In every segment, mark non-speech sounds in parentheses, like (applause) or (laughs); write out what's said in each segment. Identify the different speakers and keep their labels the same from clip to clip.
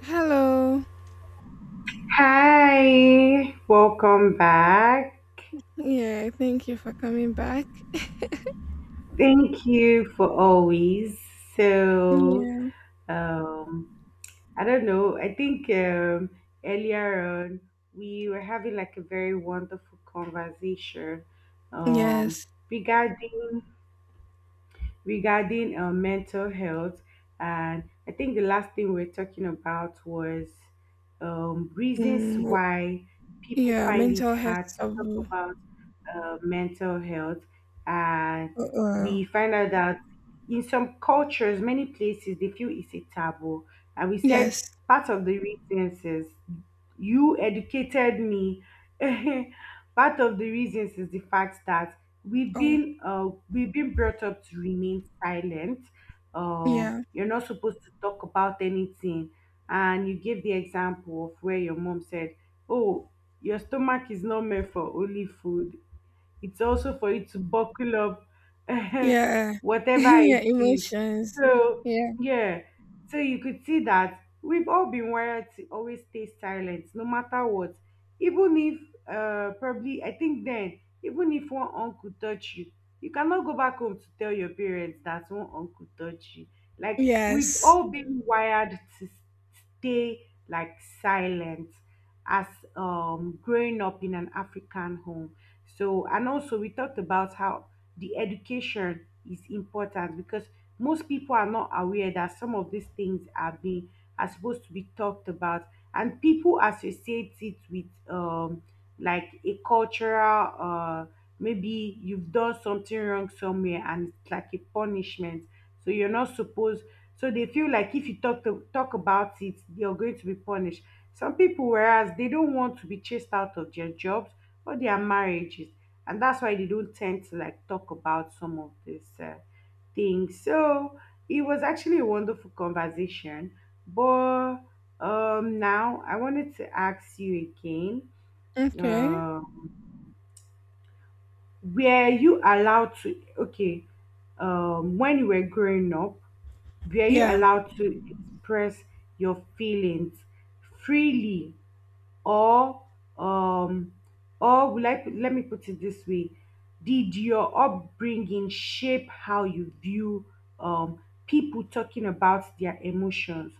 Speaker 1: Hello.
Speaker 2: Hi, welcome back.
Speaker 1: Yeah, thank you for coming back.
Speaker 2: Thank you for always. So,
Speaker 1: Um,
Speaker 2: um, I don't know. I think Earlier on we were having a very wonderful conversation um,
Speaker 1: yes.
Speaker 2: regarding regarding mental health. And I think the last thing we are talking about was reasons
Speaker 1: Mm.
Speaker 2: why people
Speaker 1: Yeah,
Speaker 2: find it
Speaker 1: mental health
Speaker 2: hard to talk
Speaker 1: taboo.
Speaker 2: about mental health. And
Speaker 1: Well,
Speaker 2: we find out that in some cultures, many places, they feel it's a taboo. And we said
Speaker 1: yes.
Speaker 2: part of the reasons is, you educated me, (laughs) part of the reasons is the fact that we've been brought up to remain silent. Um,
Speaker 1: Yeah.
Speaker 2: you're not supposed to talk about anything. And you gave the example of where your mom said, oh, your stomach is not meant for only food, it's also for you to buckle up (laughs)
Speaker 1: Yeah.
Speaker 2: whatever
Speaker 1: Yeah.
Speaker 2: it is.
Speaker 1: Emotions.
Speaker 2: so
Speaker 1: Yeah.
Speaker 2: yeah so you could see that we've all been wired to always stay silent no matter what. Even if probably, I think then, even if one uncle touch you, you cannot go back home to tell your parents that one uncle touch you. Like we've
Speaker 1: Yes.
Speaker 2: all been wired to stay, like, silent as, growing up in an African home. So, and also we talked about how the education is important because most people are not aware that some of these things are being, are supposed to be talked about, and people associate it with like a cultural maybe you've done something wrong somewhere and it's like a punishment. So you're not supposed, so they feel like if you talk about it, you're going to be punished. Some people, whereas they don't want to be chased out of their jobs or their marriages, and that's why they don't tend to like talk about some of these things. So it was actually a wonderful conversation. But now I wanted to ask you again,
Speaker 1: Okay.
Speaker 2: um were you allowed to, okay, when you were growing up, were you allowed to express your feelings freely? Or um or like let me put it this way: did your upbringing shape how you view um people talking about their emotions?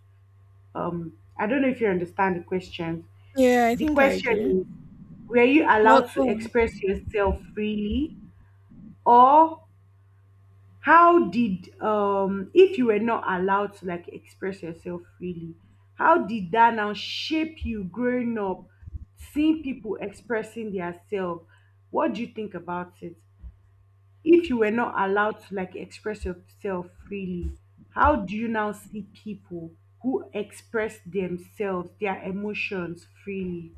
Speaker 2: I don't know if you understand the question.
Speaker 1: Yeah, I
Speaker 2: The
Speaker 1: think I.
Speaker 2: question is, were you allowed to express yourself freely? Or how did if you were not allowed to like express yourself freely, how did that now shape you growing up, seeing people expressing their self? What do you think about it? If you were not allowed to like express yourself freely, how do you now see people who express themselves, their emotions, freely?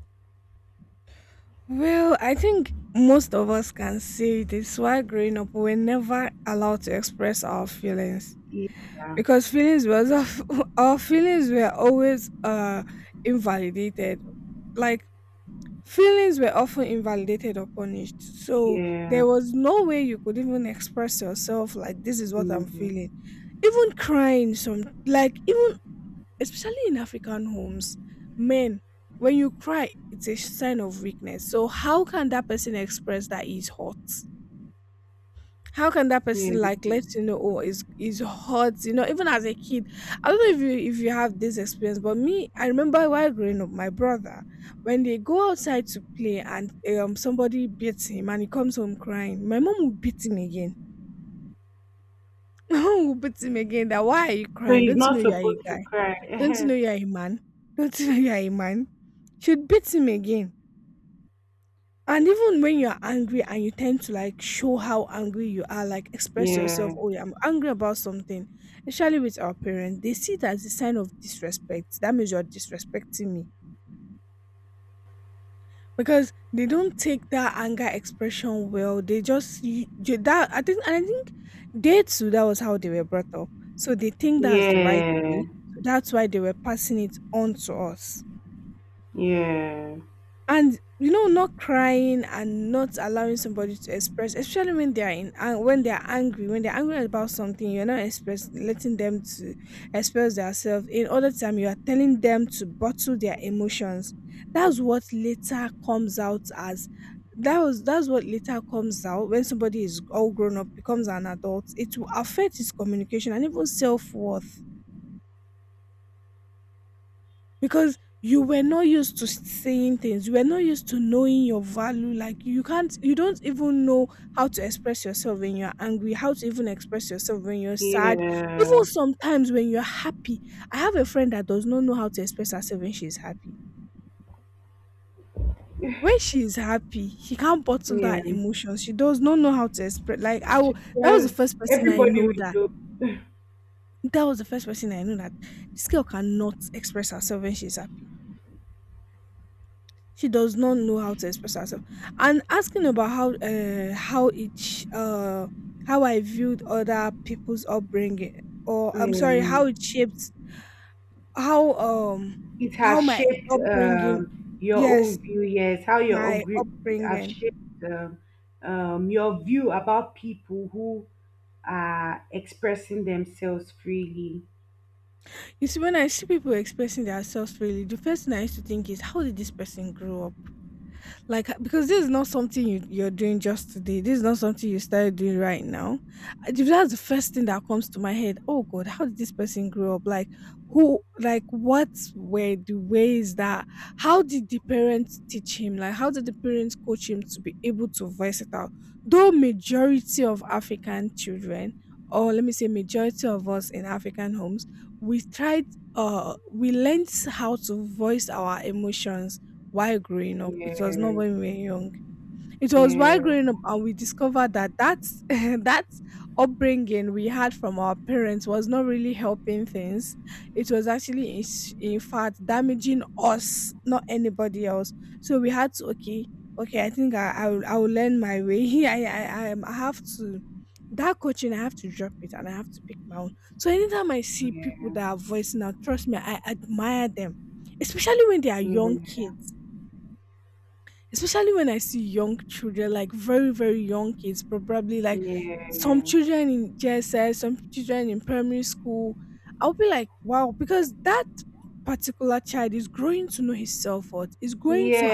Speaker 1: Well, I think most of us can say this while growing up, we're never allowed to express our feelings,
Speaker 2: Yeah,
Speaker 1: because feelings was of (laughs) our feelings were always invalidated, like. Feelings were often invalidated or punished. So
Speaker 2: yeah,
Speaker 1: there was no way you could even express yourself, like, this is what I'm
Speaker 2: yeah,
Speaker 1: feeling. Even crying, some, like, even especially in African homes, men, when you cry, it's a sign of weakness. So how can that person express that he's hurt? How can that person,
Speaker 2: yeah.
Speaker 1: like, let you know, oh, it's hot, even as a kid. I don't know if you have this experience, but me, I remember while growing up, my brother, when they go outside to play, and somebody beats him and he comes home crying, my mom will beat him again. (laughs) My mom will beat him again, that why are you
Speaker 2: So
Speaker 1: crying?
Speaker 2: he's not supposed to cry.
Speaker 1: Don't you know you're a man? Don't you know you're a man? She'd beat him again. And even when you're angry and you tend to, like, show how angry you are, like,
Speaker 2: (laughs) Yeah.
Speaker 1: oh, yeah, I'm angry about something, especially with our parents, they see it as a sign of disrespect. That means you're disrespecting me, because they don't take that anger expression well. They just, that, I think, and I think they too, that was how they were brought up. So they think that
Speaker 2: Yeah,
Speaker 1: that's why they were passing it on to us.
Speaker 2: yeah,
Speaker 1: And, not crying and not allowing somebody to express, especially when they are when they are angry when they're angry about something, you're not express letting them to express themselves. In other time, you are telling them to bottle their emotions. That's what later comes out as, that was, that's what later comes out when somebody is all grown up, becomes an adult. It will affect his communication and even self-worth, because you were not used to saying things, you were not used to knowing your value, like, you don't even know how to express yourself when you're angry, how to even express yourself
Speaker 2: yeah,
Speaker 1: even sometimes when you're happy. I have a friend that does not know how to express herself when she's happy. When she's happy, she can't bottle
Speaker 2: yeah.
Speaker 1: emotions. She does not know how to express, like, that was the
Speaker 2: Because
Speaker 1: first
Speaker 2: everybody we know, (laughs)
Speaker 1: that was the first person I knew that this girl cannot express herself when she's happy. She does not know how to express herself. And asking about how I viewed other people's upbringing, or I'm sorry, how it
Speaker 2: um,
Speaker 1: shaped, how um
Speaker 2: it
Speaker 1: how
Speaker 2: has
Speaker 1: my
Speaker 2: shaped, your own view. Yes, how your own group have
Speaker 1: upbringing.
Speaker 2: shaped, um, your view about people who are expressing themselves freely.
Speaker 1: You see, when I see people expressing themselves freely, the first thing I used to think is, how did this person grow up? Like, because this is not something you're doing just today, this is not something you started doing right now. If that's the first thing that comes to my head, oh, god, how did this person grow up? Like, who, like, what were the ways that, how did the parents teach him, like, how did the parents coach him to be able to voice it out? Though majority of African children, or let me say, majority of us in African homes, we tried we learned how to voice our emotions while growing up. It was not
Speaker 2: Yeah,
Speaker 1: when we were young. It was while
Speaker 2: yeah,
Speaker 1: growing up, and we discovered that that's (laughs) that upbringing we had from our parents was not really helping things. It was actually, in fact, damaging us, not anybody else. So we had to, okay, okay, I think I will learn my way. (laughs) I have to. That coaching, I have to drop it, and I have to pick my own. So anytime I see people
Speaker 2: yeah,
Speaker 1: that are voicing out, trust me, I admire them, especially when they are young
Speaker 2: yeah,
Speaker 1: kids, especially when I see young children, like very, very young kids, probably like some children in JSS, some children in primary school. I'll be like, wow, because that particular child is growing to know his self worth, is growing to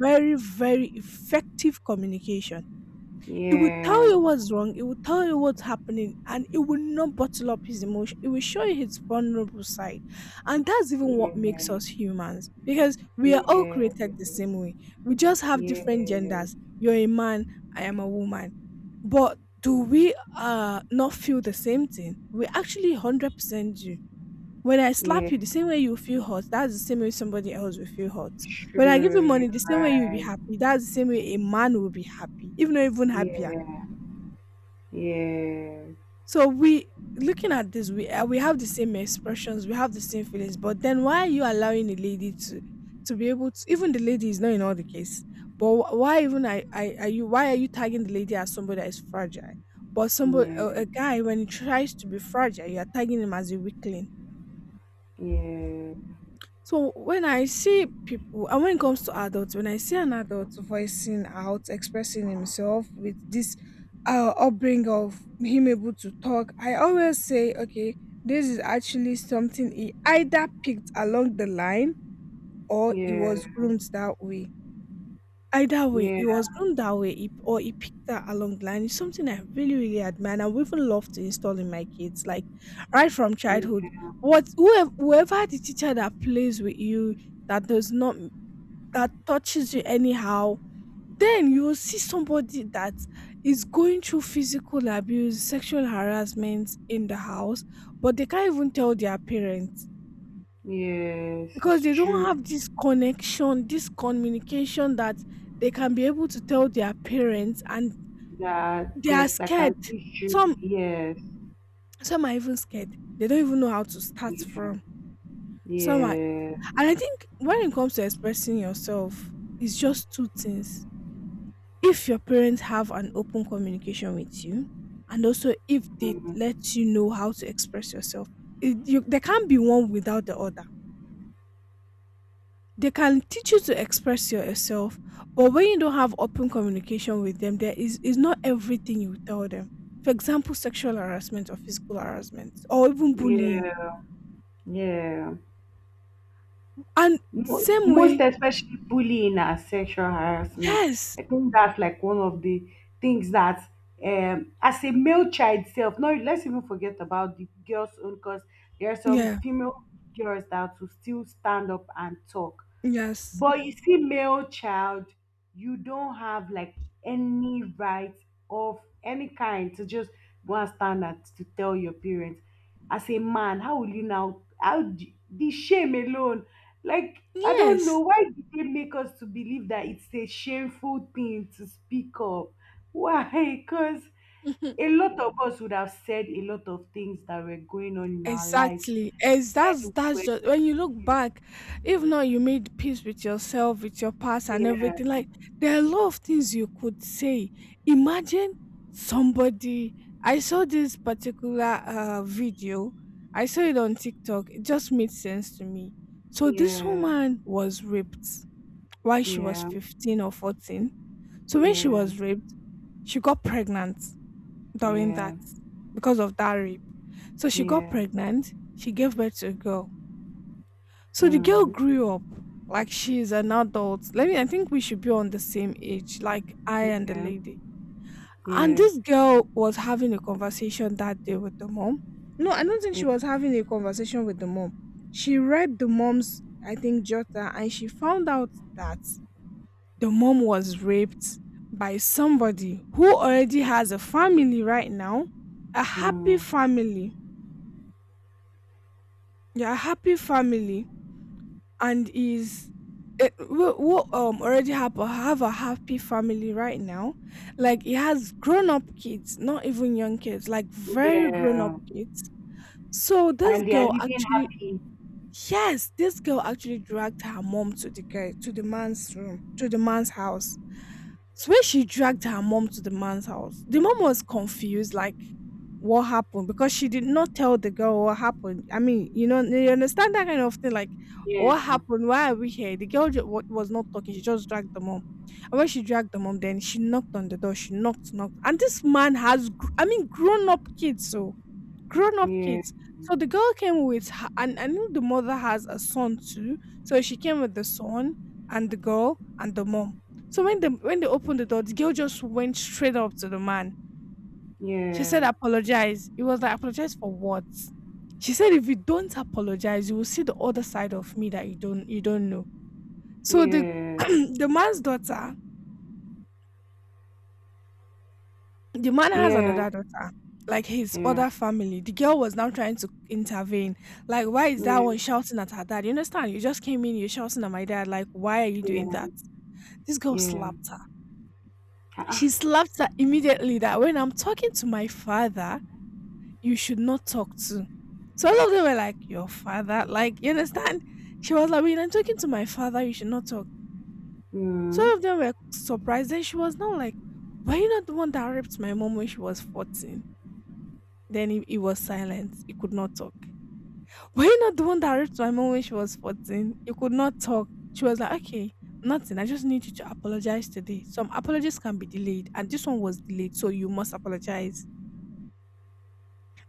Speaker 1: very, very effective communication.
Speaker 2: yeah,
Speaker 1: It will tell
Speaker 2: yeah,
Speaker 1: you what's wrong, it will tell you what's happening, and it will not bottle up his emotion. It will show you his vulnerable side. And that's even what makes
Speaker 2: yeah,
Speaker 1: us humans, because we are all
Speaker 2: yeah, yeah.
Speaker 1: created the same way. We just have
Speaker 2: Yeah,
Speaker 1: different genders. You're a man, I am a woman. But do we not feel the same thing? We actually 100% do. When I
Speaker 2: yeah,
Speaker 1: slap you, the same way you feel hot, that's the same way somebody else will feel hot. When I give you
Speaker 2: true,
Speaker 1: money,
Speaker 2: you're
Speaker 1: the same way you'll be
Speaker 2: right.
Speaker 1: happy, that's the same way a man will be happy, even though, even happy.
Speaker 2: Yeah, yeah, yeah,
Speaker 1: So, we looking at this, we have the same expressions, we have the same feelings, but then, why are you allowing the lady to be able to? Even the lady is not in all the case, but why even, I are you? Why are you tagging the lady as somebody that is fragile? But somebody, a guy, when he tries to be fragile, you are tagging him as a weakling.
Speaker 2: yeah,
Speaker 1: So when I see people, and when it comes to adults, when I see an adult voicing out, expressing himself with this upbringing of him able to talk, I always say, okay, this is actually something he either picked along the line or he
Speaker 2: yeah,
Speaker 1: was groomed that way. Either way, he
Speaker 2: yeah,
Speaker 1: was groomed that way, or he picked that along the line. It's something I really, really admire, and I would even love to install in my kids, like, right from childhood.
Speaker 2: yeah.
Speaker 1: Whoever the teacher that plays with you, that does not that touches you anyhow, then you will see somebody that is going through physical abuse, sexual harassment in the house, but they can't even tell their parents,
Speaker 2: Yes,
Speaker 1: because
Speaker 2: it's
Speaker 1: they don't
Speaker 2: true,
Speaker 1: have this connection, this communication that they can be able to tell their parents, and
Speaker 2: that
Speaker 1: they are
Speaker 2: there's like
Speaker 1: scared.
Speaker 2: an issue.
Speaker 1: Some
Speaker 2: Yes,
Speaker 1: some are even scared. They don't even know how to start
Speaker 2: yeah,
Speaker 1: from. Some are,
Speaker 2: yeah,
Speaker 1: and I think when it comes to expressing yourself, it's just two things. If your parents have an open communication with you, and also if
Speaker 2: mm,
Speaker 1: lets you know how to express yourself. There can't be one without the other. They can teach you to express yourself, but when you don't have open communication with them, there is not everything you tell them. For example, sexual harassment or physical harassment or even bullying.
Speaker 2: yeah, yeah.
Speaker 1: And same
Speaker 2: Most
Speaker 1: way.
Speaker 2: especially bullying and sexual harassment.
Speaker 1: Yes,
Speaker 2: I think that's like one of the things that, as a male child self, no, let's even forget about the girls' own, because there are some
Speaker 1: yeah,
Speaker 2: female girls that will still stand up and talk.
Speaker 1: yes,
Speaker 2: But you see, male child, you don't have like any right of any kind to just go and stand and to tell your parents. As a man, how will you now? How the shame alone? Like, I
Speaker 1: yeah.
Speaker 2: don't know why did they make us to believe that it's a shameful thing to speak up. Why? (laughs) Because
Speaker 1: (laughs)
Speaker 2: a lot of us would have said a lot of things that were going on in our lives
Speaker 1: Exactly. As that's
Speaker 2: when we
Speaker 1: that's just
Speaker 2: were
Speaker 1: when you look
Speaker 2: kids.
Speaker 1: back, if not you made peace with yourself, with your past and
Speaker 2: Yeah,
Speaker 1: everything, like, there are a lot of things you could say. Imagine somebody. I saw this particular video, I saw it on TikTok, it just made sense to me. So this
Speaker 2: yeah,
Speaker 1: woman was raped while she was
Speaker 2: yeah.
Speaker 1: 15 or 14. So when she
Speaker 2: Yeah,
Speaker 1: was raped, she got pregnant during that,
Speaker 2: yeah,
Speaker 1: because of that rape. So she got
Speaker 2: yeah,
Speaker 1: pregnant, she gave birth to a girl. So the girl
Speaker 2: mm,
Speaker 1: grew up, like she's an adult. Let me, I think we should be on the same age, like I and the
Speaker 2: yeah,
Speaker 1: lady. And
Speaker 2: yeah,
Speaker 1: this girl was having a conversation that day with the mom. No, I don't think
Speaker 2: yeah,
Speaker 1: she was having a conversation with the mom. She read the mom's, I think, jotter, and she found out that the mom was raped by somebody who already has a family right now, a happy
Speaker 2: mm,
Speaker 1: family. Yeah, a happy family, and is it, we already have a happy family right now, like he has grown up kids, not even young kids, like very grown up
Speaker 2: yeah.
Speaker 1: kids. So this
Speaker 2: And they are living happy.
Speaker 1: Yes, this girl actually dragged her mom to the guy, to the man's room, to the man's house. So when she dragged her mom to the man's house, the mom was confused, like, what happened, because she did not tell the girl what happened. I mean, you understand that kind of thing. Like,
Speaker 2: Yeah,
Speaker 1: what happened? Why are we here? The girl just, was not talking. She just dragged the mom. And when she dragged the mom, then she knocked on the door. She knocked, knocked. And this man has, I mean, grown up kids. So, grown up.
Speaker 2: yeah,
Speaker 1: So the girl came with her, and I know the mother has a son too. So she came with the son and the girl and the mom. So when the when they opened the door, the girl just went straight up to the man. She
Speaker 2: yeah,
Speaker 1: said, "Apologize." He was like, "Apologize for what?" She said, "If you don't apologize, you will see the other side of me that you don't know." So the (clears throat)
Speaker 2: yeah,
Speaker 1: the man's daughter, the man has a
Speaker 2: yeah,
Speaker 1: daughter, like his
Speaker 2: yeah,
Speaker 1: other family. The girl was now trying to intervene. Like, why is that
Speaker 2: yeah,
Speaker 1: one shouting at her dad? You understand? You just came in, you're shouting at my dad. Like, why are you doing?
Speaker 2: yeah,
Speaker 1: This girl sl-
Speaker 2: yeah.
Speaker 1: he
Speaker 2: Ah,
Speaker 1: slapped her immediately. That when I'm talking to my father, you should not talk to. So all of them were like, "Your father?" Like, you understand? She was like, "When I'm talking to my father, you should not talk." So,
Speaker 2: mm.
Speaker 1: some of them were surprised. Then she was now like, "Were you not the one that raped my mom when she was f-" Then he was silent. He could not talk. Were you not the one that raped my mom when she was 14? He could not talk. She was like, "Okay, nothing. I just need you to apologize today. Some apologies can be delayed, and this one was delayed, so you must apologize."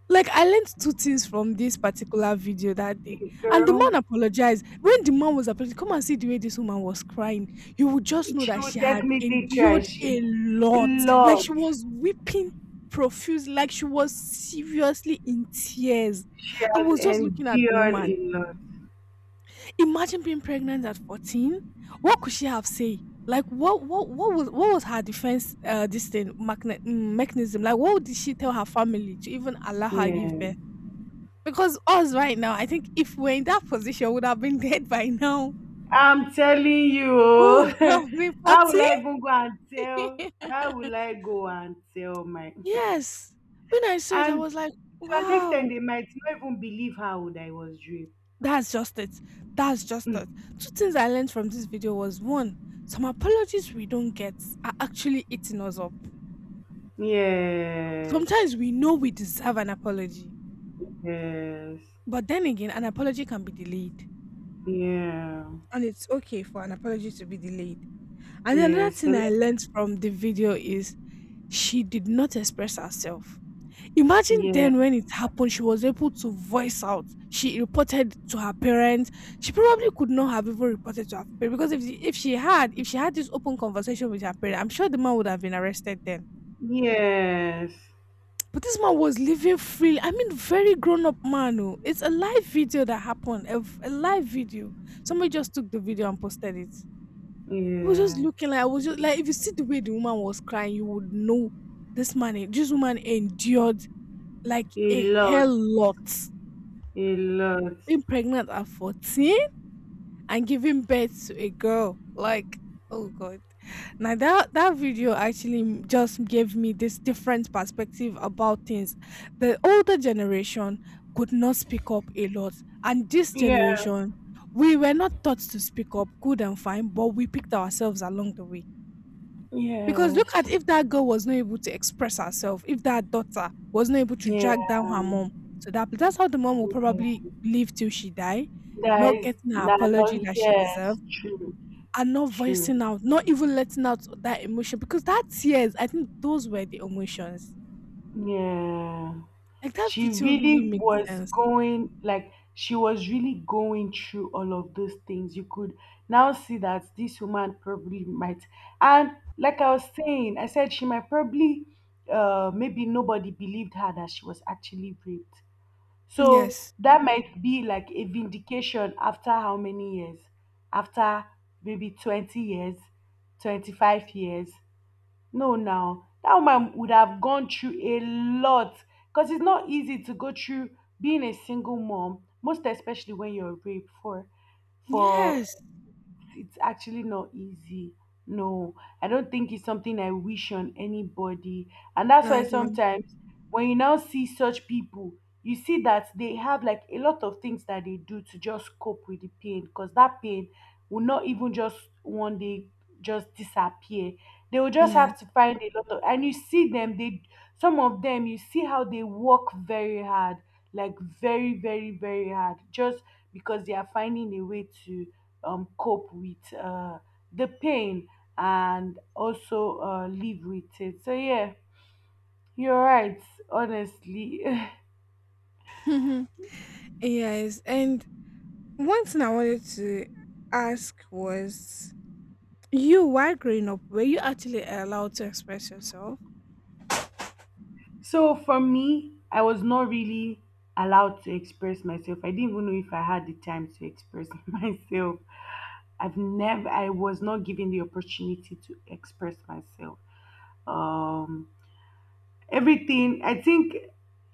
Speaker 1: Like I learned two things from this particular video that day.
Speaker 2: Big
Speaker 1: And the
Speaker 2: girl,
Speaker 1: man apologized. When the man was apologizing, come and see the way this woman was crying. You would just know
Speaker 2: she
Speaker 1: that
Speaker 2: will
Speaker 1: she
Speaker 2: definitely cry.
Speaker 1: endured a
Speaker 2: She,
Speaker 1: lot.
Speaker 2: lot.
Speaker 1: She was weeping profusely, like she was seriously in tears.
Speaker 2: She has
Speaker 1: Looking at,
Speaker 2: endured a lot.
Speaker 1: imagine being pregnant at 14. What could she have say? Like what was her defense, this thing mechanism? Like what did she tell her family to even allow her?
Speaker 2: Yeah.
Speaker 1: Because us right now, I think if we're in that position, we would have been (laughs) dead by now.
Speaker 2: I'm telling you, oh,
Speaker 1: (laughs)
Speaker 2: (laughs)
Speaker 1: We-
Speaker 2: how will I even go and tell? How will I go and tell my?
Speaker 1: yes. When I
Speaker 2: (laughs)
Speaker 1: saw it, I
Speaker 2: And
Speaker 1: was like,
Speaker 2: to an
Speaker 1: wow,
Speaker 2: extent, they might not even believe how old I was raped.
Speaker 1: that's just it. That's just it.
Speaker 2: (laughs)
Speaker 1: Two things I learned from this video was, one, some apologies we don't get, actually eating us up.
Speaker 2: Yes,
Speaker 1: Sometimes we know we deserve an apology,
Speaker 2: yes,
Speaker 1: but then again, an apology can be delayed,
Speaker 2: yeah,
Speaker 1: and it's okay for an apology to be delayed. And then another
Speaker 2: yes, a
Speaker 1: thing I
Speaker 2: lot,
Speaker 1: learned from the video is she did not express herself. Imagine
Speaker 2: yeah,
Speaker 1: then when it happened, she was able to voice out. She reported to her parents. She probably could not have even reported to her parents because if she had this open conversation with her parents, I'm sure the man would have been arrested then.
Speaker 2: yes,
Speaker 1: But this man was living freely. I mean, very grown up man. Oh. It's a live video that happened. A live video. Somebody just took the video and posted it. I was just
Speaker 2: yeah,
Speaker 1: looking, like, I was just like, if you see the way the woman was crying, you would know this man. This woman endured like,
Speaker 2: a
Speaker 1: hell
Speaker 2: lot,
Speaker 1: lot.
Speaker 2: a lot,
Speaker 1: Being pregnant at 14, and giving birth to a girl. Like, oh God. Now that that video actually just gave me this different perspective about things. The older generation could not speak up a lot, and this
Speaker 2: yeah,
Speaker 1: generation, we were not taught to pick up good and fine, but we picked ourselves along the way. Because look
Speaker 2: yes,
Speaker 1: at, if that girl was not able to express herself, if that daughter was not able to drag down
Speaker 2: yeah.
Speaker 1: her mom to that place, that's how the mom will probably live till she die,
Speaker 2: That is,
Speaker 1: getting her
Speaker 2: that no,
Speaker 1: apology.
Speaker 2: yes, true,
Speaker 1: And not voicing
Speaker 2: true.
Speaker 1: out, not even letting out that emotion, because that tears, I think those were the emotions.
Speaker 2: Yeah.
Speaker 1: Like that.
Speaker 2: She really was going, like, she was really going through all of those things. You could now see that this woman probably might. And like I was saying, I said she might probably, maybe nobody believed her that she was actually raped. So that might be like a vindication after how many years? After maybe 20 years, 25 years. No, now that woman would have gone through a lot because it's not easy to go through being a single mom, most especially when you're raped for it's actually not easy. No, I don't think it's something I wish on anybody. And that's why sometimes when you now see such people, you see that they have like a lot of things that they do to just cope with the pain, because that pain will not even just one day just disappear. They will just have to find a lot of, and you see them, they, some of them, you see how they work very hard, like very, very, very hard, just because they are finding a way to cope with the pain, and also live with it. So, yeah, you're right, honestly.
Speaker 1: Mhm. (laughs) Yes, and one thing I wanted to ask was, you, while growing up, were you actually allowed to express yourself?
Speaker 2: (laughs) So, for me, I was not really allowed to express myself. I didn't even know if I had the time to express (laughs) myself. I was not given the opportunity to express myself. Um, Everything, I think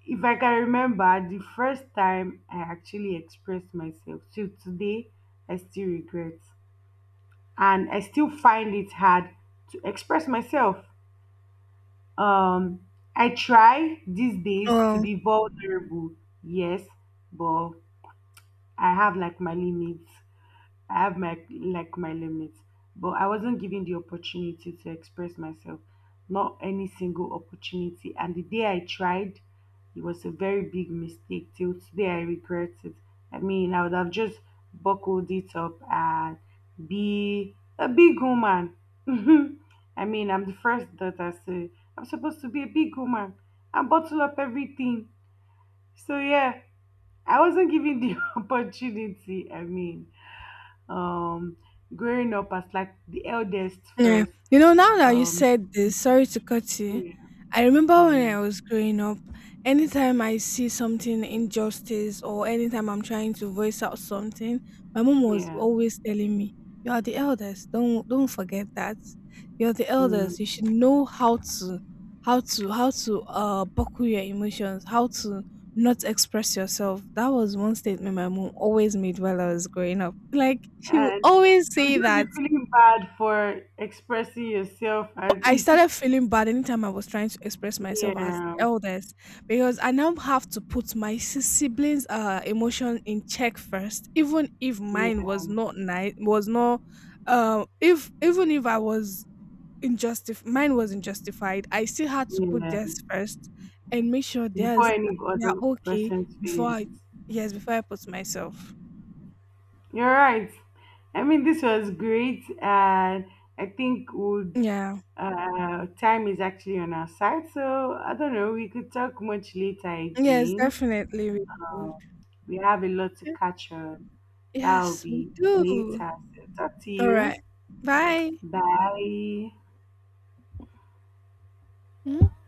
Speaker 2: if I can remember the first time I actually expressed myself, till today, I still regret. And I still find it hard to express myself. Um, I try these days to be vulnerable, yes, but I have like my limits. I have my like my limits, but I wasn't given the opportunity to express myself, not any single opportunity. And the day I tried, it was a very big mistake. Till today, I regret it. I mean, I would have just buckled it up and be a big woman. (laughs) I mean, I'm the first daughter, so I'm supposed to be a big woman and bottle up everything. So yeah, I wasn't given the (laughs) opportunity. I mean, um growing up as like the eldest
Speaker 1: Yeah.
Speaker 2: first,
Speaker 1: You know, now that you
Speaker 2: um
Speaker 1: said this, sorry to cut you.
Speaker 2: yeah,
Speaker 1: I remember when
Speaker 2: yeah,
Speaker 1: I was growing up, anytime I see something injustice or anytime I'm trying to voice out something, my mom was
Speaker 2: yeah,
Speaker 1: always telling me, "You are the eldest. Don't forget that. You're the eldest. You
Speaker 2: mm.
Speaker 1: should know how to buckle your emotions, how to not express yourself." That was one statement my mom always made while I was growing up. Like she would
Speaker 2: And
Speaker 1: always
Speaker 2: you
Speaker 1: say
Speaker 2: just be
Speaker 1: that
Speaker 2: feeling bad for expressing yourself as
Speaker 1: I started feeling bad anytime I was trying to express
Speaker 2: (laughs)
Speaker 1: myself to the
Speaker 2: yeah,
Speaker 1: elders, because I now have to put my siblings' emotion in check first, even if
Speaker 2: yeah,
Speaker 1: mine was not nice, was not, if even if I was mine was injustified. I still had to put
Speaker 2: yeah,
Speaker 1: first and make sure
Speaker 2: before
Speaker 1: theirs
Speaker 2: any
Speaker 1: are
Speaker 2: other
Speaker 1: okay
Speaker 2: person's
Speaker 1: before I,
Speaker 2: feelings.
Speaker 1: yes, before I put myself.
Speaker 2: You're right. I mean, this was great, and I think would,
Speaker 1: Yeah,
Speaker 2: time is actually on our side, so I don't know, we could talk much later
Speaker 1: yes,
Speaker 2: again.
Speaker 1: definitely.
Speaker 2: We have a lot to catch on. That'll
Speaker 1: Yes, we
Speaker 2: be
Speaker 1: do.
Speaker 2: later. So talk to
Speaker 1: All
Speaker 2: you.
Speaker 1: right, bye.
Speaker 2: Bye.
Speaker 1: Mhm.